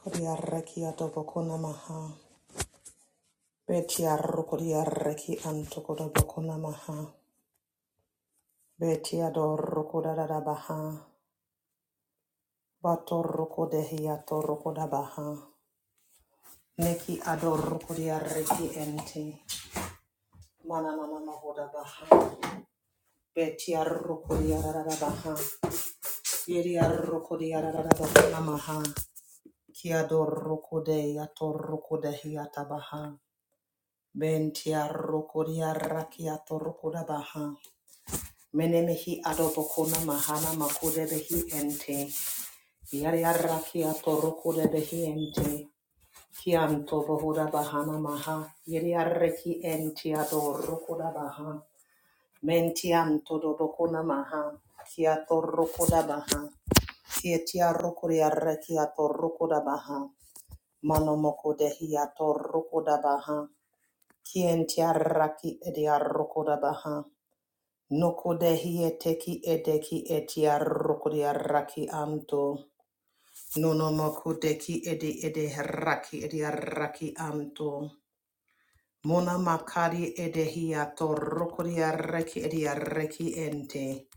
Kodiaraki atobokona maha. Betiarukodiaraki antokudobokona maha. Betiadorrokodada baha Betiadorukudadabaha. baha Neki adorukodiaraki ente. Mananana mahodabaha. Betiarukodiaradabaha. Yeriarukodiaradabokona maha. Kiadorukodehiatorukodehiatabaha. Bentiarukodiaraki baha. Menemehi adobokuna mahana makudebehi ente. Yariarakia torukudebehi ente. Kianto bohuda bahana maha. Yariareki ente adorukuda baha. Mentianto dobokuna maha. Kia torukuda baha. Kietia rukuriarekia torukuda baha. Manomokudehi atorukuda baha. Kientiaraki ediarukuda baha. Noko dehi eteki edeki etia rokodia raki anto. Nono moko deki edi ede raki edia raki anto. Mona makari edehi ato rokodia reki edia reki ente.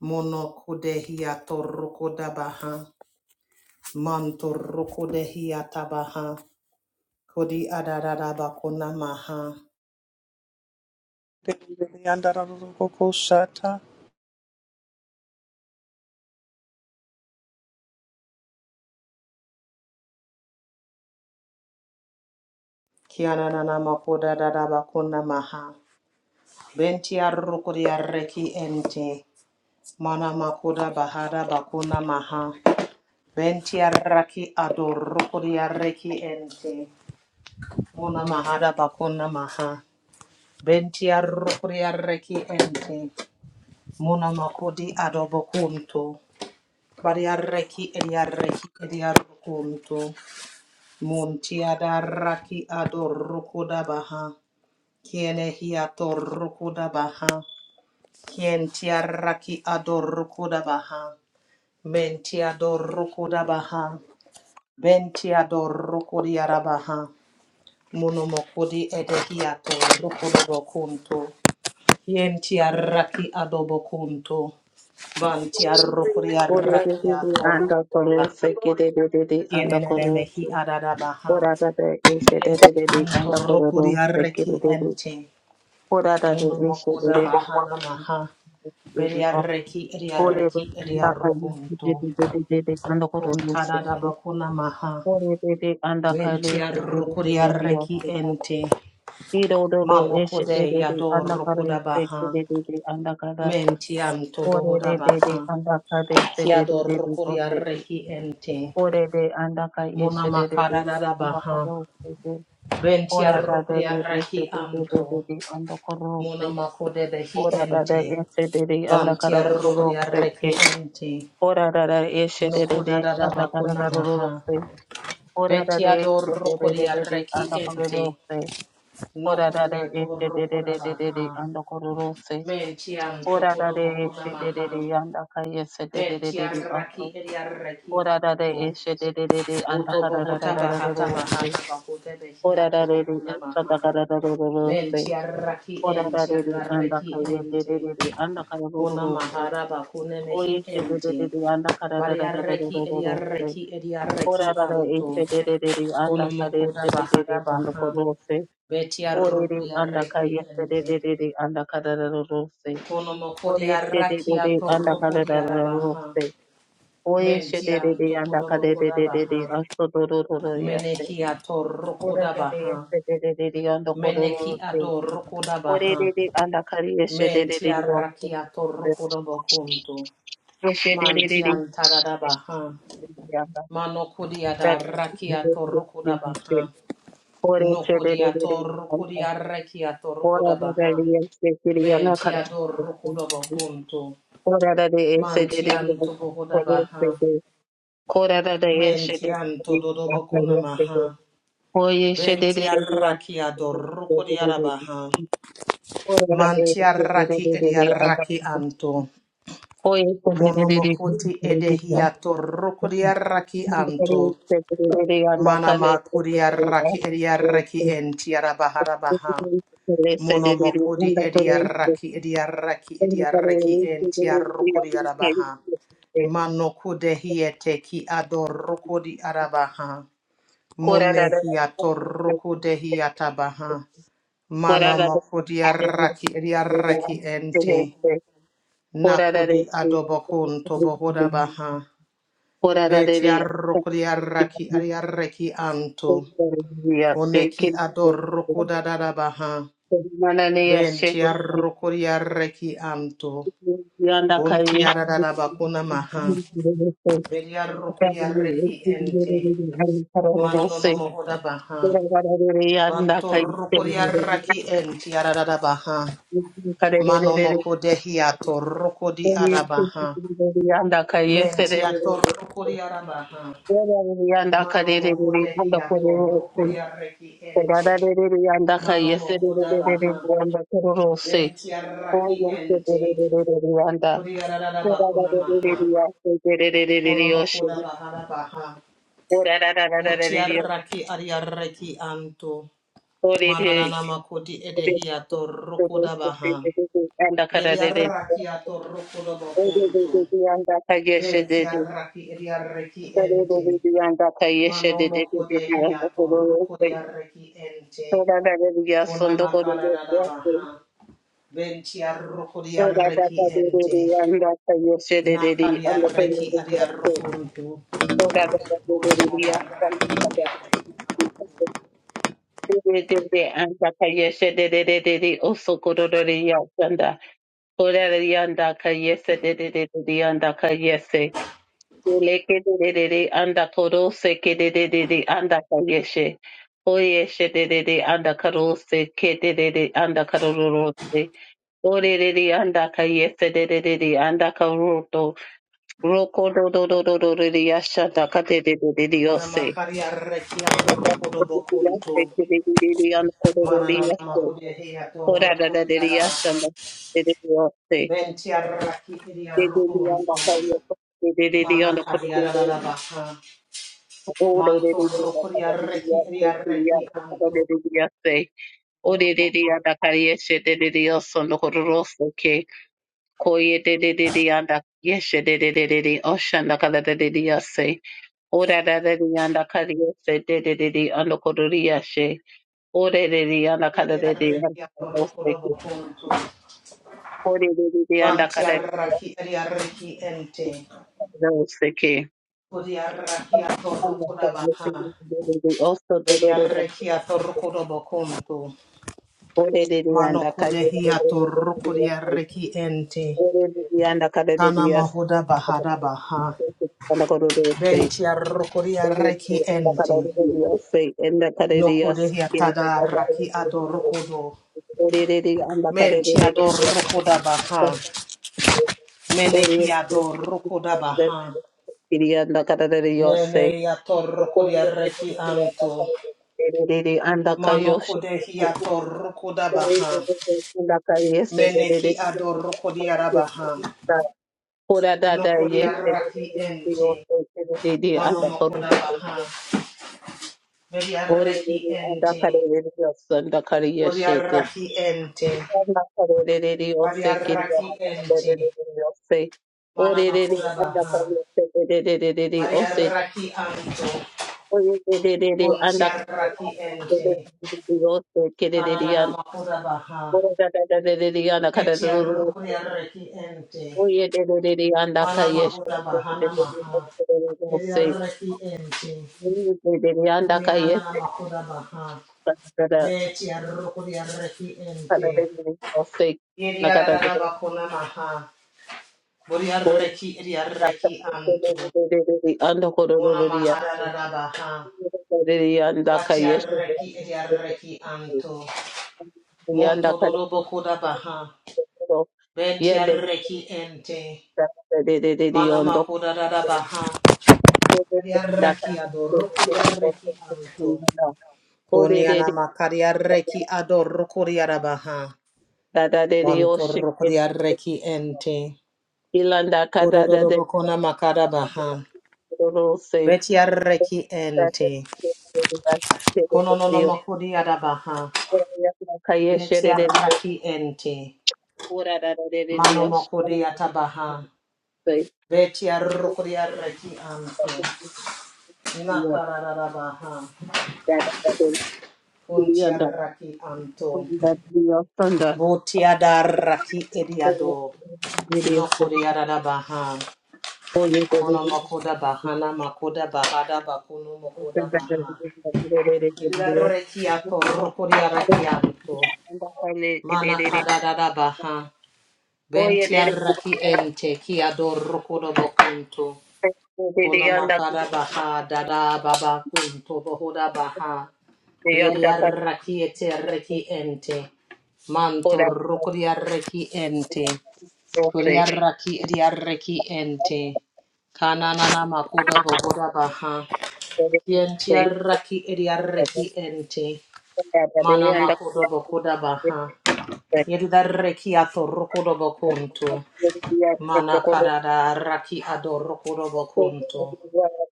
Mono kodehi ato rokoda baha. Manto rokodehi atabaha. Kodi adararaba kona maha. Kiana nana mako dararaba kona maha. Benti arrokodia reki ente. Mana makoda bahada bakuna maha. Bentiaraki adorokuriareki ente. Muna mahada bakuna maha. Bentiarokuriareki ente. Muna makodi adobokunto. Bariareki ediareki ediarokunto. Muntiadaraki adorokuda baha. Kiene hiatorokuda baha. Kien tiaraki adorokuda baha. Mentiador Rukudabaha, Ventiador rukuri arabaha, munomokudi edehiato, rukudobo kunto, yenti yentiaraki adobo kunto, vantiarukuri Ora de de de arakiato, anda koro se ke de de de de anda koro se. yenenemehi adadabaha, Ora da de ishe de Benti de de de anto anda koro rukuri ro se ke de araki de de. ente, Ora da de ishe de munomokuda de de bahana de maha, beri de. beriareki Ore de eriareki anda kale se de eriarukunto, de de de de de anda koro ro se ke. kuntadadabakuna maha, Ore de de anda benti kale se de de de ventiarukuri de de o araki se ka. ente, Iro do do do Mano ishe de kode de de anda yador kare koda se ke baha. de de de anda kara. Mentian tobo Ore hoda de de de baha. anda kale se de de de Kiador de o kodia se reki ente. Ore de andaka Mona yeshe de de makara de da baha. andakoro de. Ora da Bentiar de kodia de reki yeshe de de de anto. de de andakoro Mona se. makode behi Ora da de ente. yeshe de de andakara Bantiar roro kodia se reki ke. ente. Ora da da yeshe de de Nokoda de da da andakara bakuna roro maha. se. Ora da de Betiador yeshe de de kodia de de de reki andakoro roro ente. se. Ora da de Nokodia yeshe tor de de koda de de de de baha. andakoro roro se. Mentian Ora da tokodo de bakuna yeshe de de de maha. andaka yeshe de de de de de Ventiarraki aso. eriarraki Ora da de anto. yeshe de de de de Utobo andakara hotaba hataba roro se. hataba hotebe Ora da hiatobo re re kunamaha. anda da da da da da da da se. Ventiarraki Ora da re re anda ka entiarraki ye de re ente. re re anda ka da da da da se. Kunamaha raba O ye kunemehi she de re ente. re re anda ka da da da da da da da Variarraki da da se. eriarraki Ora eriarraki da da e anto. she de re re re anda ka re Kunamokuda se de re bahara re anda ko baha. da se. O re re anda ka Vetiarrukriarraki ye se de ente. re re re anda ka da da da da se. O re she de re Kunomokodiarraki re anda ka da da da da da atorrukodiarabaha. se. O ye she de re re Mentianto anda ka de de de de de kudobokodabaha. asto do ro ro ro ya she. Meneki Ora da re e atorokodabaha. she de re re re anda ko da da da Meneki se. adorokodabaha. Orerere anda kari eşederere diyor. Mentiaraki atorokodabokunto. eşederere Mantiantadadabaha. yanda Manokodiadaraki atorokodabaha. kore eşederere anda Nokodiatorokodiareki kora da atorokodabaha. eşederere yana kara Mentiadorokodabokunto. kora da eşederere kore Mantiantobokodabaha. eşederere kora da eşederere aslında Mentiantododobokunamaha. eşederere eşederere Ventiaraki adorokodiarabaha. kora da da Mantiaraki eşederere anda ediaraki anto. koye Monomokoti edehiato rokodiaraki anto. Manama kuriaraki ediaraki entiarabaharabaha. Monomokodi ediaraki ediaraki ediaraki entiarokodiarabaha. Manokudehiete ki adorokodi arabaha. Munehiato Manana rokodehiatabaha. Manomo kodiaraki ediaraki ente. Nakodi adobokun tobohoda baha. Beti arrokodi arraki ariarreki anto. Koneki adorrokoda dada baha. yashe Benti arrokodi arreki anto. yanda Kunti kayi adada bakuna Yanda maha. Beti arrokodi arreki ente. Manonono mohoda baha. Banto rokodi arraki enti adada baha. Manomokodehi atorrokodi adabaha. Menti atorrokodi adabaha. Manomo kodekia torokodia reki ente. Manomo koda baha. Ventia raki ente. Kodia rada bakuna maha. Konomo koda bahara baha. Votia raki aria reki anto. Mananana makodi edehia torokoda baha. Anda kaya Yeria raki a torokoda bakunto. shede Ventia de raki eria reki ente. Manomo kodehia torokodia reki ente. Kuna makara da da baha. Venti arrokodi arreki ente. Nakari arreki ari arrokonto. Buti ari arreki de de de oso kororo de yasanda. Orari anda ka yese de de de de de anda ka yese. Ele ke de de de de anda korose ke de de de de anda ka yeshe. O yeshe de de de anda karose ke de de de anda karorose. Ore de anda ka yese de de de de anda karoto. Roko do do do do do de de yasha da ka de de de de de Kuna yose. makari arreki arrokodo bokonto. Yase ke de de de de anda Mana na nama kororose. hodi ahi ato Korara de arrokodi de di yasha arabaha. da de de de yose. Venti arreki ari They did the arrokonto. under cover. They did the Mana under cover. kari arabaha. Oh, they did Manto the under arrokodi cover. They did arreki ari the arreki under cover. anto. They did the under Oh, they did the under cover. Yes, they did the under cover. Rose, okay. Koye, they did the under. Yes, they did the ocean. The color they did the under. Oh, they did the under cover. Yes, they did the under cover. Yes, oh, they did the under cover. They did the under Yediarreki cover. Rose, atorokodobo okay. kuntu. Oh, they did the under cover. Yes, Vantiarraki adiarreki ente. they did the under cover. Kodiarraki Also, the atorokodabaha. the the the the Vediarreki atorokodobo kuntu. the the the the and the Kali de Manokodehi de de de de. atorokodiarreki ente. Ore de de and the Kali de de Kana yes. mahoda bahada baha. and the Kali de de. Ore de Ventiarrokodiarreki and the ente. Kali de de yes. Nokodehi and atadarraki the Kali de yes. adorokodo. Ore de de and the Kali de de yes. Mentiadorokodabaha. Ore Menehi adorokodabaha. de de and the Kali de de yes. Nene ya torruku ya Ore de reki de anto. and Iri anda Mano kude hi ya kayo torruku da Ore baha. Mene ki adorruku di arabaha. No kuri ya raki ente. Mano no kuda baha. Veri ya reki ente. Vori ya raki ente. bari ya raki ente. Mana no kuda baha. bari ya raki anto. Unti ya raki ente. Ananana makuda baha. Eti ya ruku ya reki ente. Oye, de de de de anda Mana calle, mahoda bahana maha. no Yeri sé, arreki ente. de de de anda Oni calle, anana makoda baha. para Beti arroko di arreki para ente. de de no sé, Yeri la cara de anana bakona maha. Bori con arreki eri arreki de anto. de de de de anda Ona corororía, de mahararara baha. de de anda Bati calle, arreki eri arreki anto. de anda Monto calle, dodo bokoda baha. Benti yende arreki ente. de de de de Mana ondo, makoda dada baha. Yeri Da arreki de adoroko di arreki anto. de Koniana de makaria reki de adoro kuriara baha. da da de de o Wantoro shike kuria reki ente. ilanda kada Kododo da de bokona makara baha. ro se Betia reki da ente. de Kononono makuria baha. kaye shere Betia de raki ente. ora da da de de Mano yo se makuria tabaha. Betia rukuria reki anto. Nakara baha. da da de Kuntia ilanda raki anto. da de yo thunder Botia da raki ediado. No kuria baha. Oye, Kono makoda bahana makoda bahada bakuno makoda baha. Ila rekiato rokoria rekianto. de Mana Dios. kadada baha. Oye, Bentia dere raki ente kiado rokodo bokunto. Kono dere anda makada baha dada baba kunto bohoda baha. de anda Iria raki reki ente. Manto ora rokoria reki ente. doce Koria raki edia reki ente. Kananana makoda bohoda baha. dere doce Yentiaraki ediareki ente. anda Mana dere anda makodobo cantando kodabaha. Yedareki atorokodobo kuntu. dere dia que Mana corre kadada raki adorokodobo kuntu.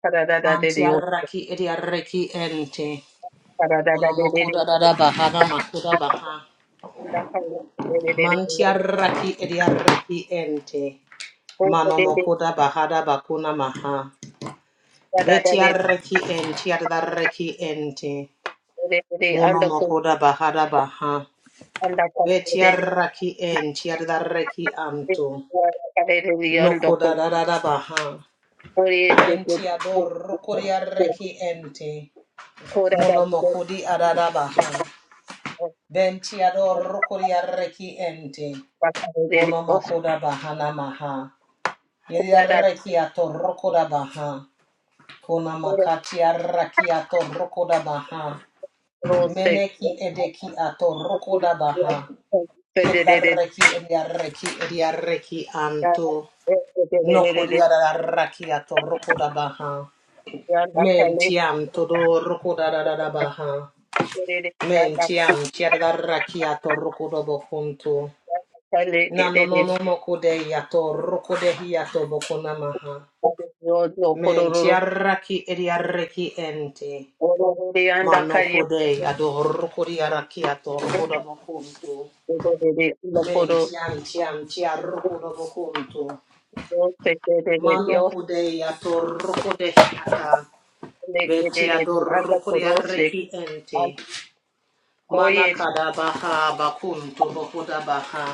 para da da de Dios Mantiaraki ediareki ente. para da da de de Unomokodada bahana makodabaha. anda cantando dere dere Mantiaraki ediareki ente. oye dere Manomokoda bahada bakuna maha. da da de Betiareki entiadareki ente. dere anda Monomokoda bahada baha. anda cantando dere Betiaraki en tiadaraki anto. Noko da da da da baha. Dios, Bentiador rokoriaraki ente. Monomokodi adada baha. Bentiador rokoriaraki ente. Monomokoda bahana maha. Yediaraki ato rokoda baha. Konamakati araki ato rokoda baha. Meneki edeki ato rokoda baha. Kedaraki ediaraki ediaraki anto. Nokodia da rakia rakiato rokoda baha. Men tiam todo rokoda da da da baha. Men tiam tiada rakiato rokoda bokunto. Nano no no mokode yato rokode hiato bokuna maha. Men tiaraki ediareki ente. Mano kode ado rokodi arakiato rokoda bokunto. Men tiam tiam tiarokoda bokunto. Mano kode yato rokode hiata. Beti Betiadorrocoria reki ente. Mana Oye, kadabaha bakunto bokodabaha.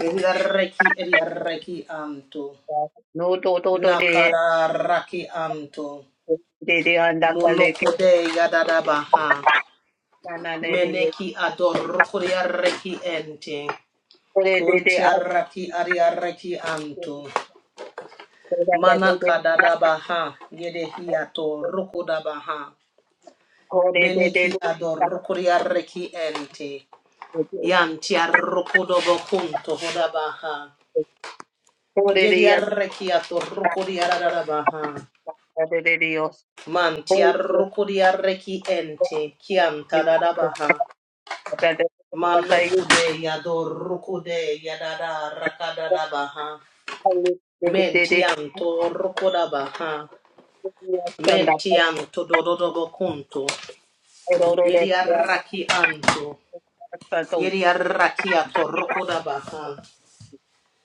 Reki eria reki anto. no to to to de Nakara raki anto. de de anda kale ke Monokode yadadabaha. sana ne de Meneki adorrocoria reki ente. kore de de a Kuntia raki aria reki anto. Mana kadadabaha. Yedehiato rokodabaha. kore de de de Kore de de Meneki de adorrocoria reki ente. Yanti arrokodo bokunto hodabaha. Kore de Yedi yan arreki atorrokodi arararabaha. de de Dios. Manti Kore de arrokodi arreki ente kianta dadabaha. de de Mano kai kude yadorrokode yadada rakadadabaha. de de de de Menti anto rokodabaha. anda Menti kale anto dododo bokunto. ro ro ro Yedi arraki anto. to Yedi arraki atorrokodabaha.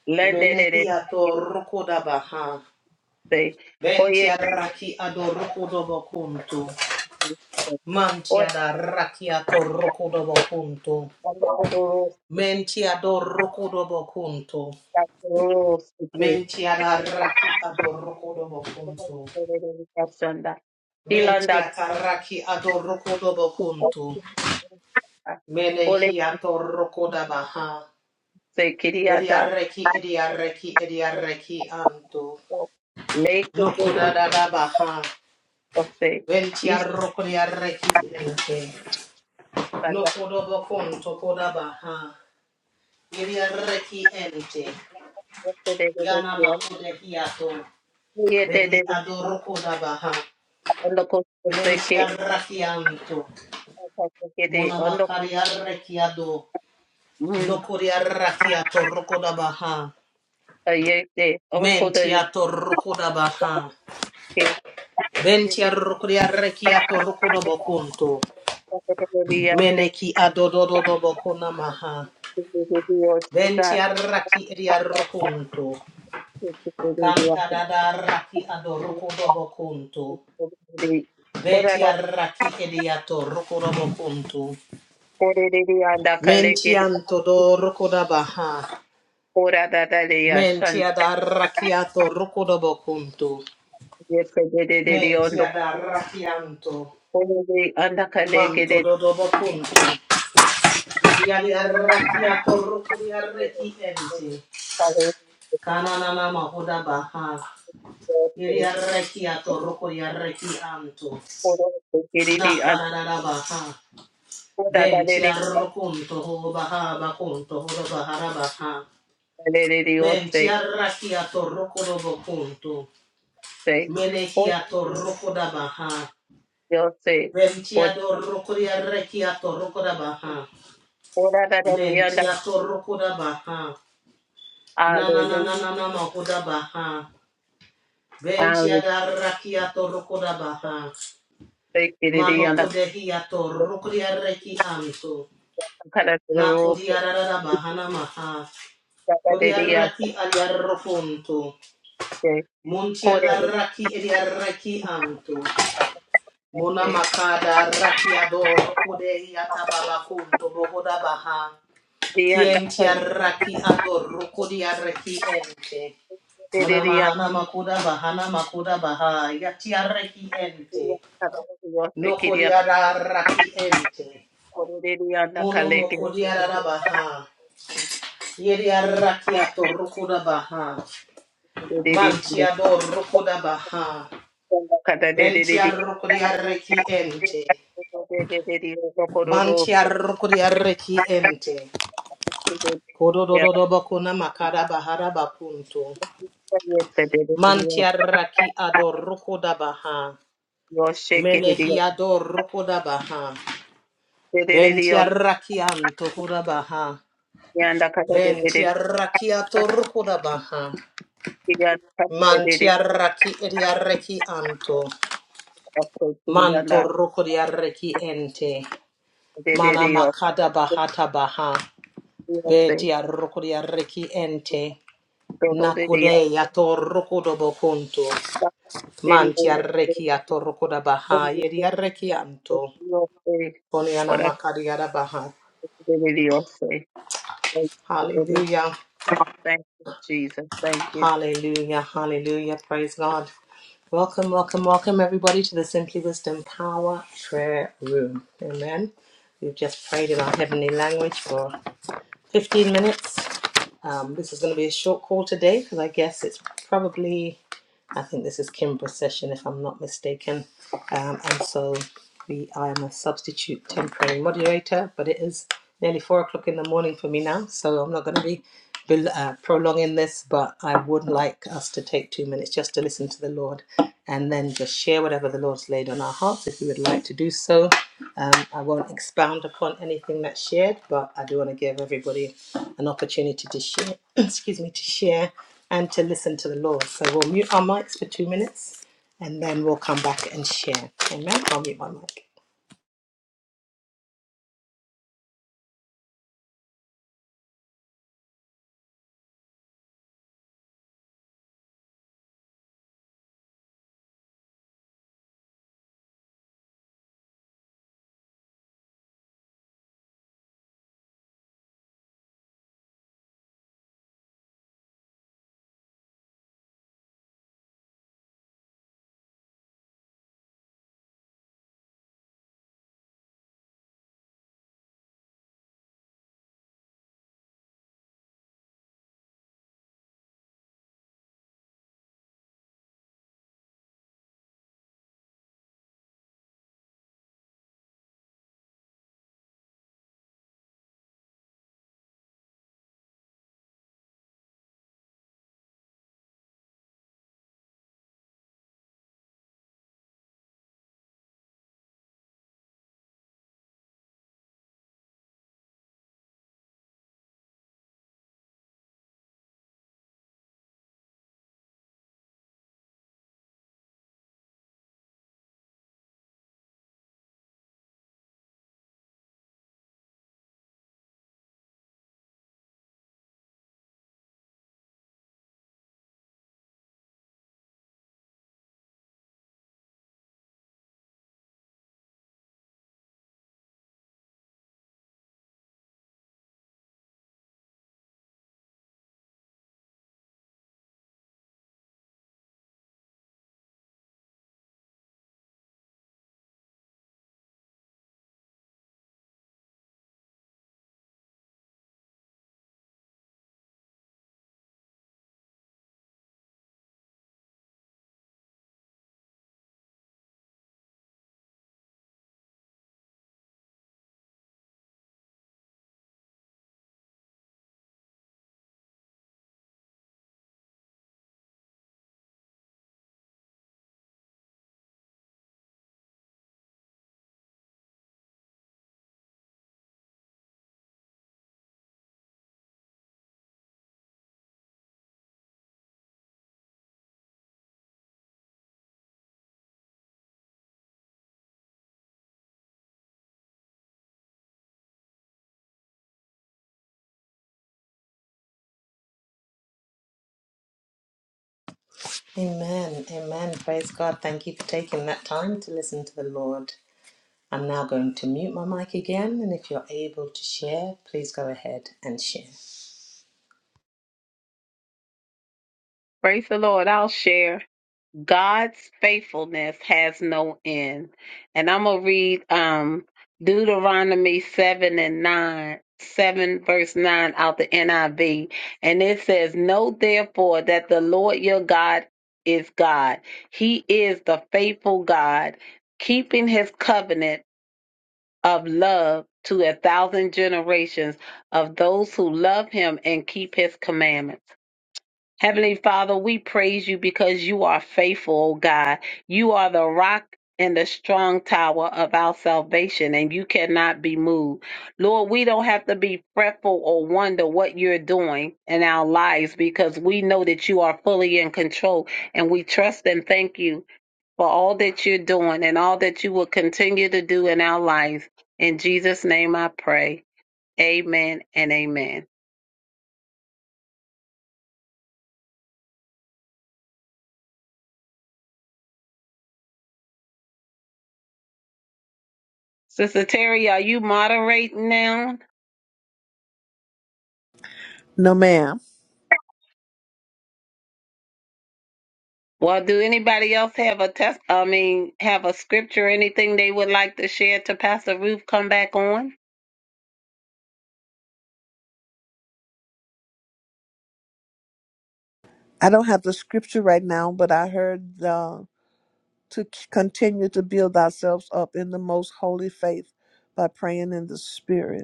le de de Menehi atorrokodabaha. de Oye, Bentia raki adoroko dobo kuntu. Ora Mantia da raki atoroko dobo kuntu. Kandarussi, Mentia doroko dobo kuntu. Kandarussi, Mentia da raki adoroko dobo kuntu. Kashanda, Ilanda, Mentia taraki adoroko dobo kuntu. Ole Menehi atoroko dabaha. Kuse, Kiriada, Bediareki ediareki ediareki antu. Lake Noko da da da baha. Kose, Bentia roko diareki ente. No Ishbada, kodobo konto kodaba ha. Iriareki ente. Yana makude hiato. Yede, Vedi adoro kodaba ha. Ondoko Seke, Vencia rakianto. Kede, Mona Ondoko, makaria rekiado. No Mm, koria rakiato rokodaba ha. Yede, Onko Mentiato rokodaba ha. Ventia de rokoria rekiato rokodobo konto. Sake, Meneki adodododobo konamaha. Hallelujah. Ventia raki iria rokonto. Canta da da raki ado roko dobo kuntu. Beti arraki ediato roko dobo kuntu. Menti anto do roko da baha. Menti ada raki ato dobo kuntu. Menti ada raki anto. Manto do dobo kuntu. Yadi arraki ato roko di arreki ente. Kananana mahoda baha. Iri arreki ato roko di arreki anto. Nakarada baha. Venti arroconto ho baha baconto ho da bahara baha. Menti arrakia torroco do boconto. Menehia torroco da baha. Venti adorroco di arrekia torroco da baha. Menti atorroco da baha. Na na na na na na moko da baha. Venti adarrakia torroco da baha. Hallelujah. Manoko dehia Yesterday, torroco di arreki anto. Nako di arara da bahana maha. Kodiarraki adiarrokonto. Montiarraki ediarraki anto. Mona makada raki ador kodei atababa kunto bohoda baha. Kientiarraki ador kodiarraki ente. Mona mahana makuda bahana makuda baha. Yatiarraki ente. No kodiarraki ente. Mono mokodiarra baha. Yediarraki ator koda baha. Mantiador koda baha. Ventiarrocodiarreci ente. Mantiarrocodiarreci ente. Codododobacuna macada bahara bacunto. Mantiarraci adorrocoda baha. Menehi adorrocoda baha. Ventiarracianto coda baha. Ventiarraciato rocoda baha. Kirian Taterere Mantiarraci ediarreci anto. Afro Manto Kiriana rocodiarreci ente. Mana Terere of makada bahata baha. Beti arrokodi arreki ente. Dodoria Nakode atorrokodo bokunto. Manti Terere arreki atorrokoda baha. Yedi arreki anto. or Terere Koni anamakadi arabaha. of Hallelujah. Thank you, Jesus. Thank you. Hallelujah. Hallelujah. Praise God. Welcome, welcome, welcome everybody to the Simply Wisdom Power Prayer Room. Amen. We've just prayed in our heavenly language for 15 minutes. Um, this is going to be a short call today because I guess it's probably I think this is Kimbra's session, if I'm not mistaken. Um, and so we, I am a substitute temporary moderator, but it is nearly four o'clock in the morning for me now, so I'm not going to be bel- uh, prolonging this, but I would like us to take two minutes just to listen to the Lord and then just share whatever the Lord's laid on our hearts if you would like to do so. Um, I won't expound upon anything that's shared, but I do want to give everybody an opportunity to share, excuse me, to share and to listen to the Lord. So we'll mute our mics for two minutes and then we'll come back and share. Amen. I'll mute my mic. Amen. Amen. Praise God. Thank you for taking that time to listen to the Lord. I'm now going to mute my mic again, and if you're able to share, please go ahead and share. Praise the Lord. I'll share. God's faithfulness has no end. And I'm going to read um, Deuteronomy 7 and 9. 7 verse 9 out the NIV. And it says, Know therefore that the Lord your God is God. He is the faithful God, keeping his covenant of love to a thousand generations of those who love him and keep his commandments. Heavenly Father, we praise you because you are faithful, O God. You are the rock and the strong tower of our salvation, and you cannot be moved. Lord, we don't have to be fretful or wonder what you're doing in our lives because we know that you are fully in control, and we trust and thank you for all that you're doing and all that you will continue to do in our lives. In Jesus' name I pray. Amen and amen. Sister Terry, are you moderating now? No, ma'am. Well, do anybody else have a test? I mean, have a scripture, anything they would like to share to Pastor Ruth? Come back on. I don't have the scripture right now, but I heard uh, to c- continue to build ourselves up in the most holy faith by praying in the spirit.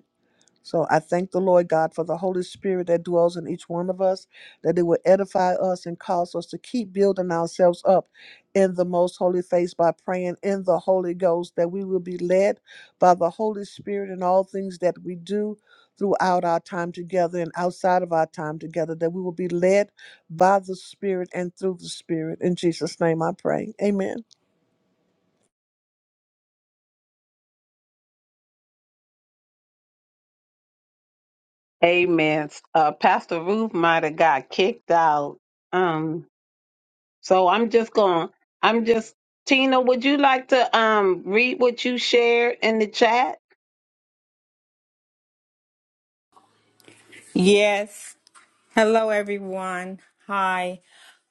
So I thank the Lord God for the Holy Spirit that dwells in each one of us, that it will edify us and cause us to keep building ourselves up in the most holy faith by praying in the Holy Ghost, that we will be led by the Holy Spirit in all things that we do throughout our time together and outside of our time together, that we will be led by the Spirit and through the Spirit. In Jesus' name I pray. Amen. Amen. Uh, Pastor Ruth might have got kicked out. Um, so I'm just going. I'm just Tina. Would you like to um read what you shared in the chat? Yes. Hello, everyone. Hi.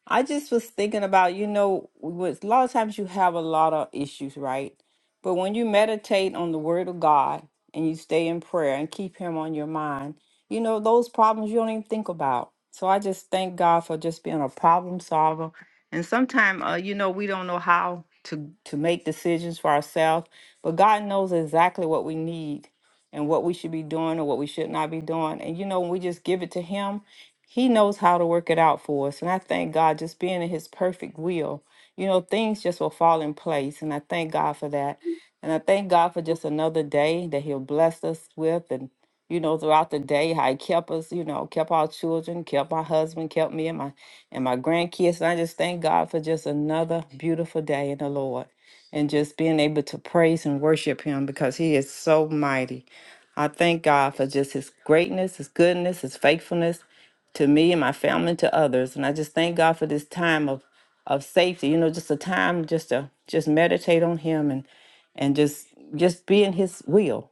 I just was thinking about, you know, with a lot of times you have a lot of issues, right? But when you meditate on the word of God and you stay in prayer and keep him on your mind, you know, those problems you don't even think about. So I just thank God for just being a problem solver. And sometimes, uh, you know, we don't know how to to make decisions for ourselves, but God knows exactly what we need and what we should be doing or what we should not be doing. And you know, when we just give it to him, he knows how to work it out for us. And I thank God just being in his perfect will. You know, things just will fall in place. And I thank God for that. And I thank God for just another day that he'll bless us with. And, you know, throughout the day, how he kept us, you know, kept our children, kept my husband, kept me and my and my grandkids. And I just thank God for just another beautiful day in the Lord. And just being able to praise and worship him because he is so mighty. I thank God for just his greatness, his goodness, his faithfulness to me and my family and to others. And I just thank God for this time of of safety, you know, just a time just to just meditate on him and and just just be in his will.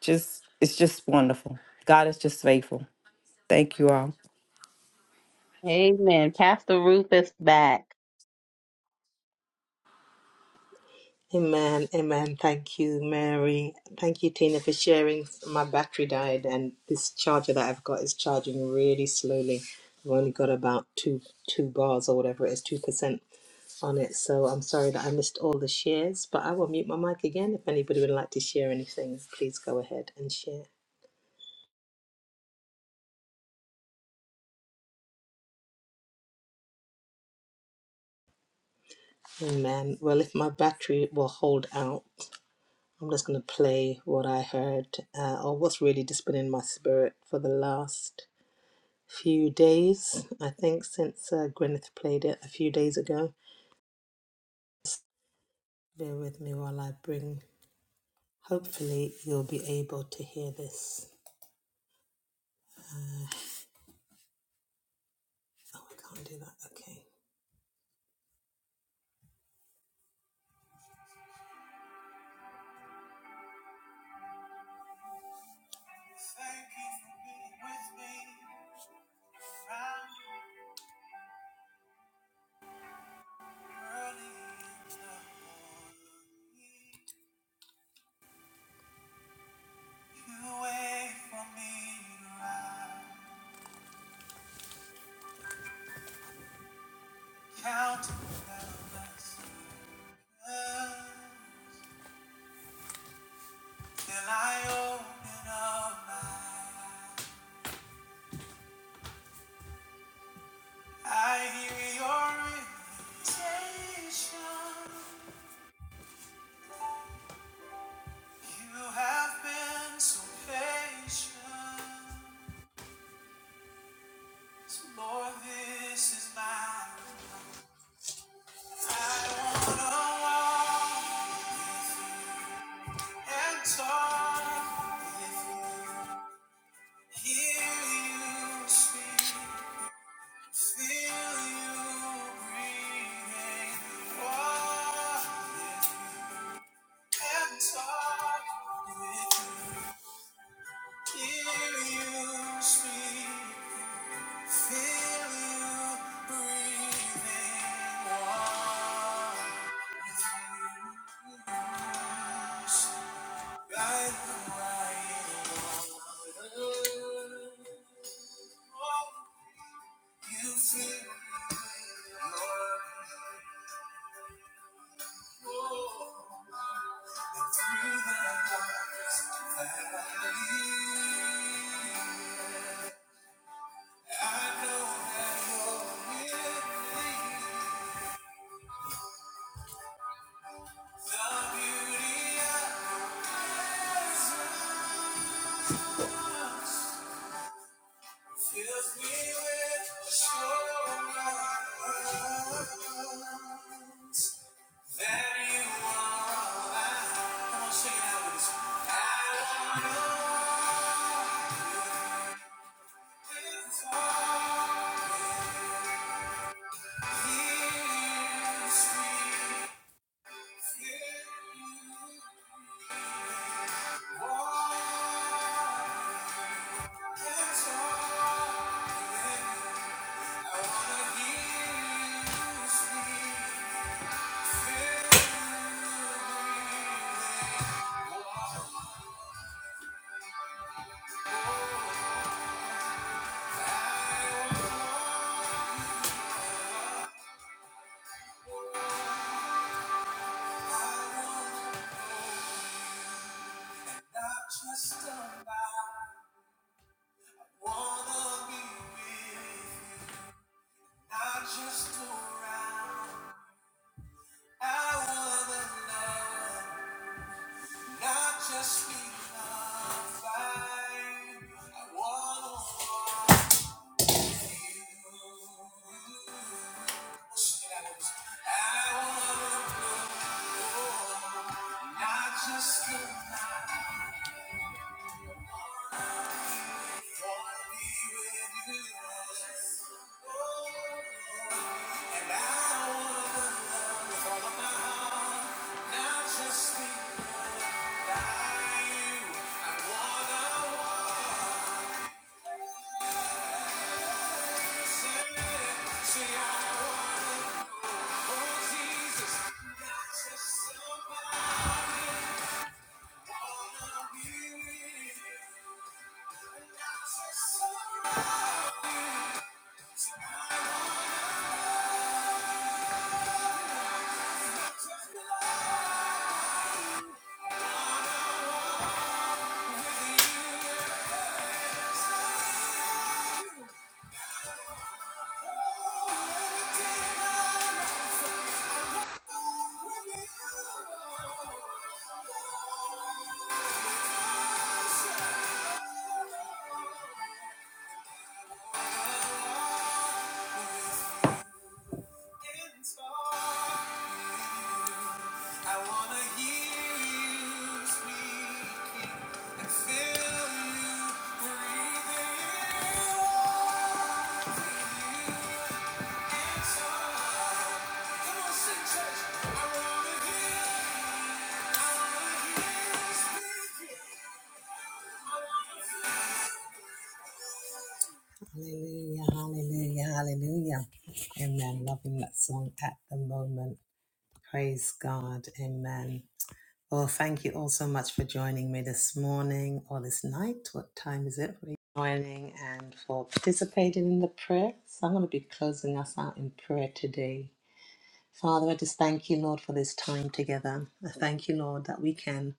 Just it's just wonderful. God is just faithful. Thank you all. Amen. Pastor Ruth is back. Amen. Amen. Thank you, Mary. Thank you, Tina, for sharing. My battery died, and this charger that I've got is charging really slowly. I've only got about two two bars or whatever it is, two percent on it. So I'm sorry that I missed all the shares, but I will mute my mic again. If anybody would like to share anything, please go ahead and share. Amen. Well, if my battery will hold out, I'm just going to play what I heard uh, or what's really just been in my spirit for the last few days, I think, since uh, Gwyneth played it a few days ago. Bear with me while I bring. Hopefully, you'll be able to hear this. Oh, I can't do that. Okay. Thank you for being with me. Early in the morning, you wait for me to rise, counting blessings till I open up my eyes. I hear your invitation. You have been so patient. So Lord, this is mine. I don't wanna walk. and talk with you. Hear you speak, feel you breathing. Walk and talk with you. Hear you speak, feel you breathing. Walk with you. The beauty of Fills me with assurance that you are mine. Come on, sing it out with us. I want this heart is free. You walk this heart. I wanna hear you speak. Just be loved you. I wanna walk with you. I want not just the Jesus, not just somebody. Thank you. Hallelujah, hallelujah, hallelujah. Amen. Loving that song at the moment. Praise God. Amen. Well, thank you all so much for joining me this morning or this night. What time is it? For you joining and for participating in the prayer. So I'm going to be closing us out in prayer today. Father, I just thank you, Lord, for this time together. I thank you, Lord, that we can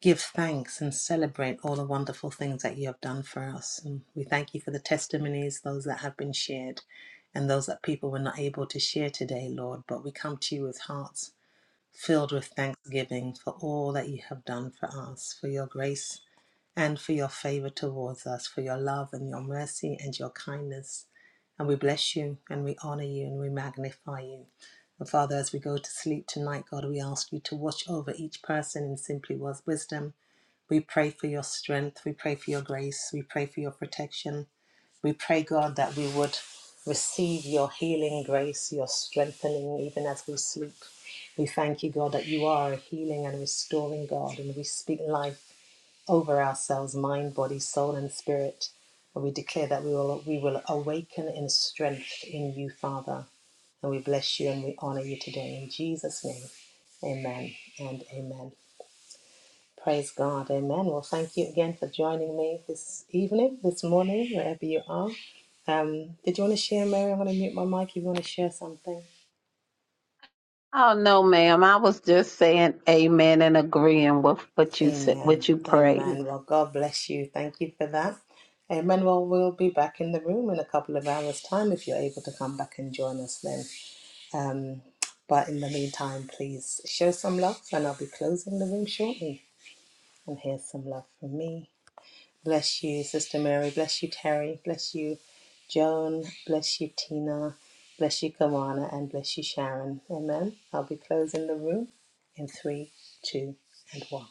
give thanks and celebrate all the wonderful things that you have done for us. And we thank you for the testimonies, those that have been shared, and those that people were not able to share today, Lord. But we come to you with hearts filled with thanksgiving for all that you have done for us, for your grace and for your favor towards us, for your love and your mercy and your kindness. And we bless you and we honor you and we magnify you. And Father, as we go to sleep tonight, God, we ask you to watch over each person in simply was wisdom. We pray for your strength. We pray for your grace. We pray for your protection. We pray, God, that we would receive your healing grace, your strengthening, even as we sleep. We thank you, God, that you are a healing and restoring God, and we speak life over ourselves, mind, body, soul, and spirit. And we declare that we will we will awaken in strength in you, Father. And we bless you and we honor you today. In Jesus' name. Amen and amen. Praise God. Amen. Well, thank you again for joining me this evening, this morning, wherever you are. Um, did you want to share, Mary? I'm going to mute my mic. you want to share something. Oh no, ma'am. I was just saying amen and agreeing with what you said, Amen. what you prayed. Amen. Well, God bless you. Thank you for that. Amen. Well, we'll be back in the room in a couple of hours' time if you're able to come back and join us then. Um, but in the meantime, please show some love, and I'll be closing the room shortly. And here's some love from me. Bless you, Sister Mary. Bless you, Terry. Bless you, Joan. Bless you, Tina. Bless you, Kawana. And bless you, Sharon. Amen. I'll be closing the room in three, two, and one.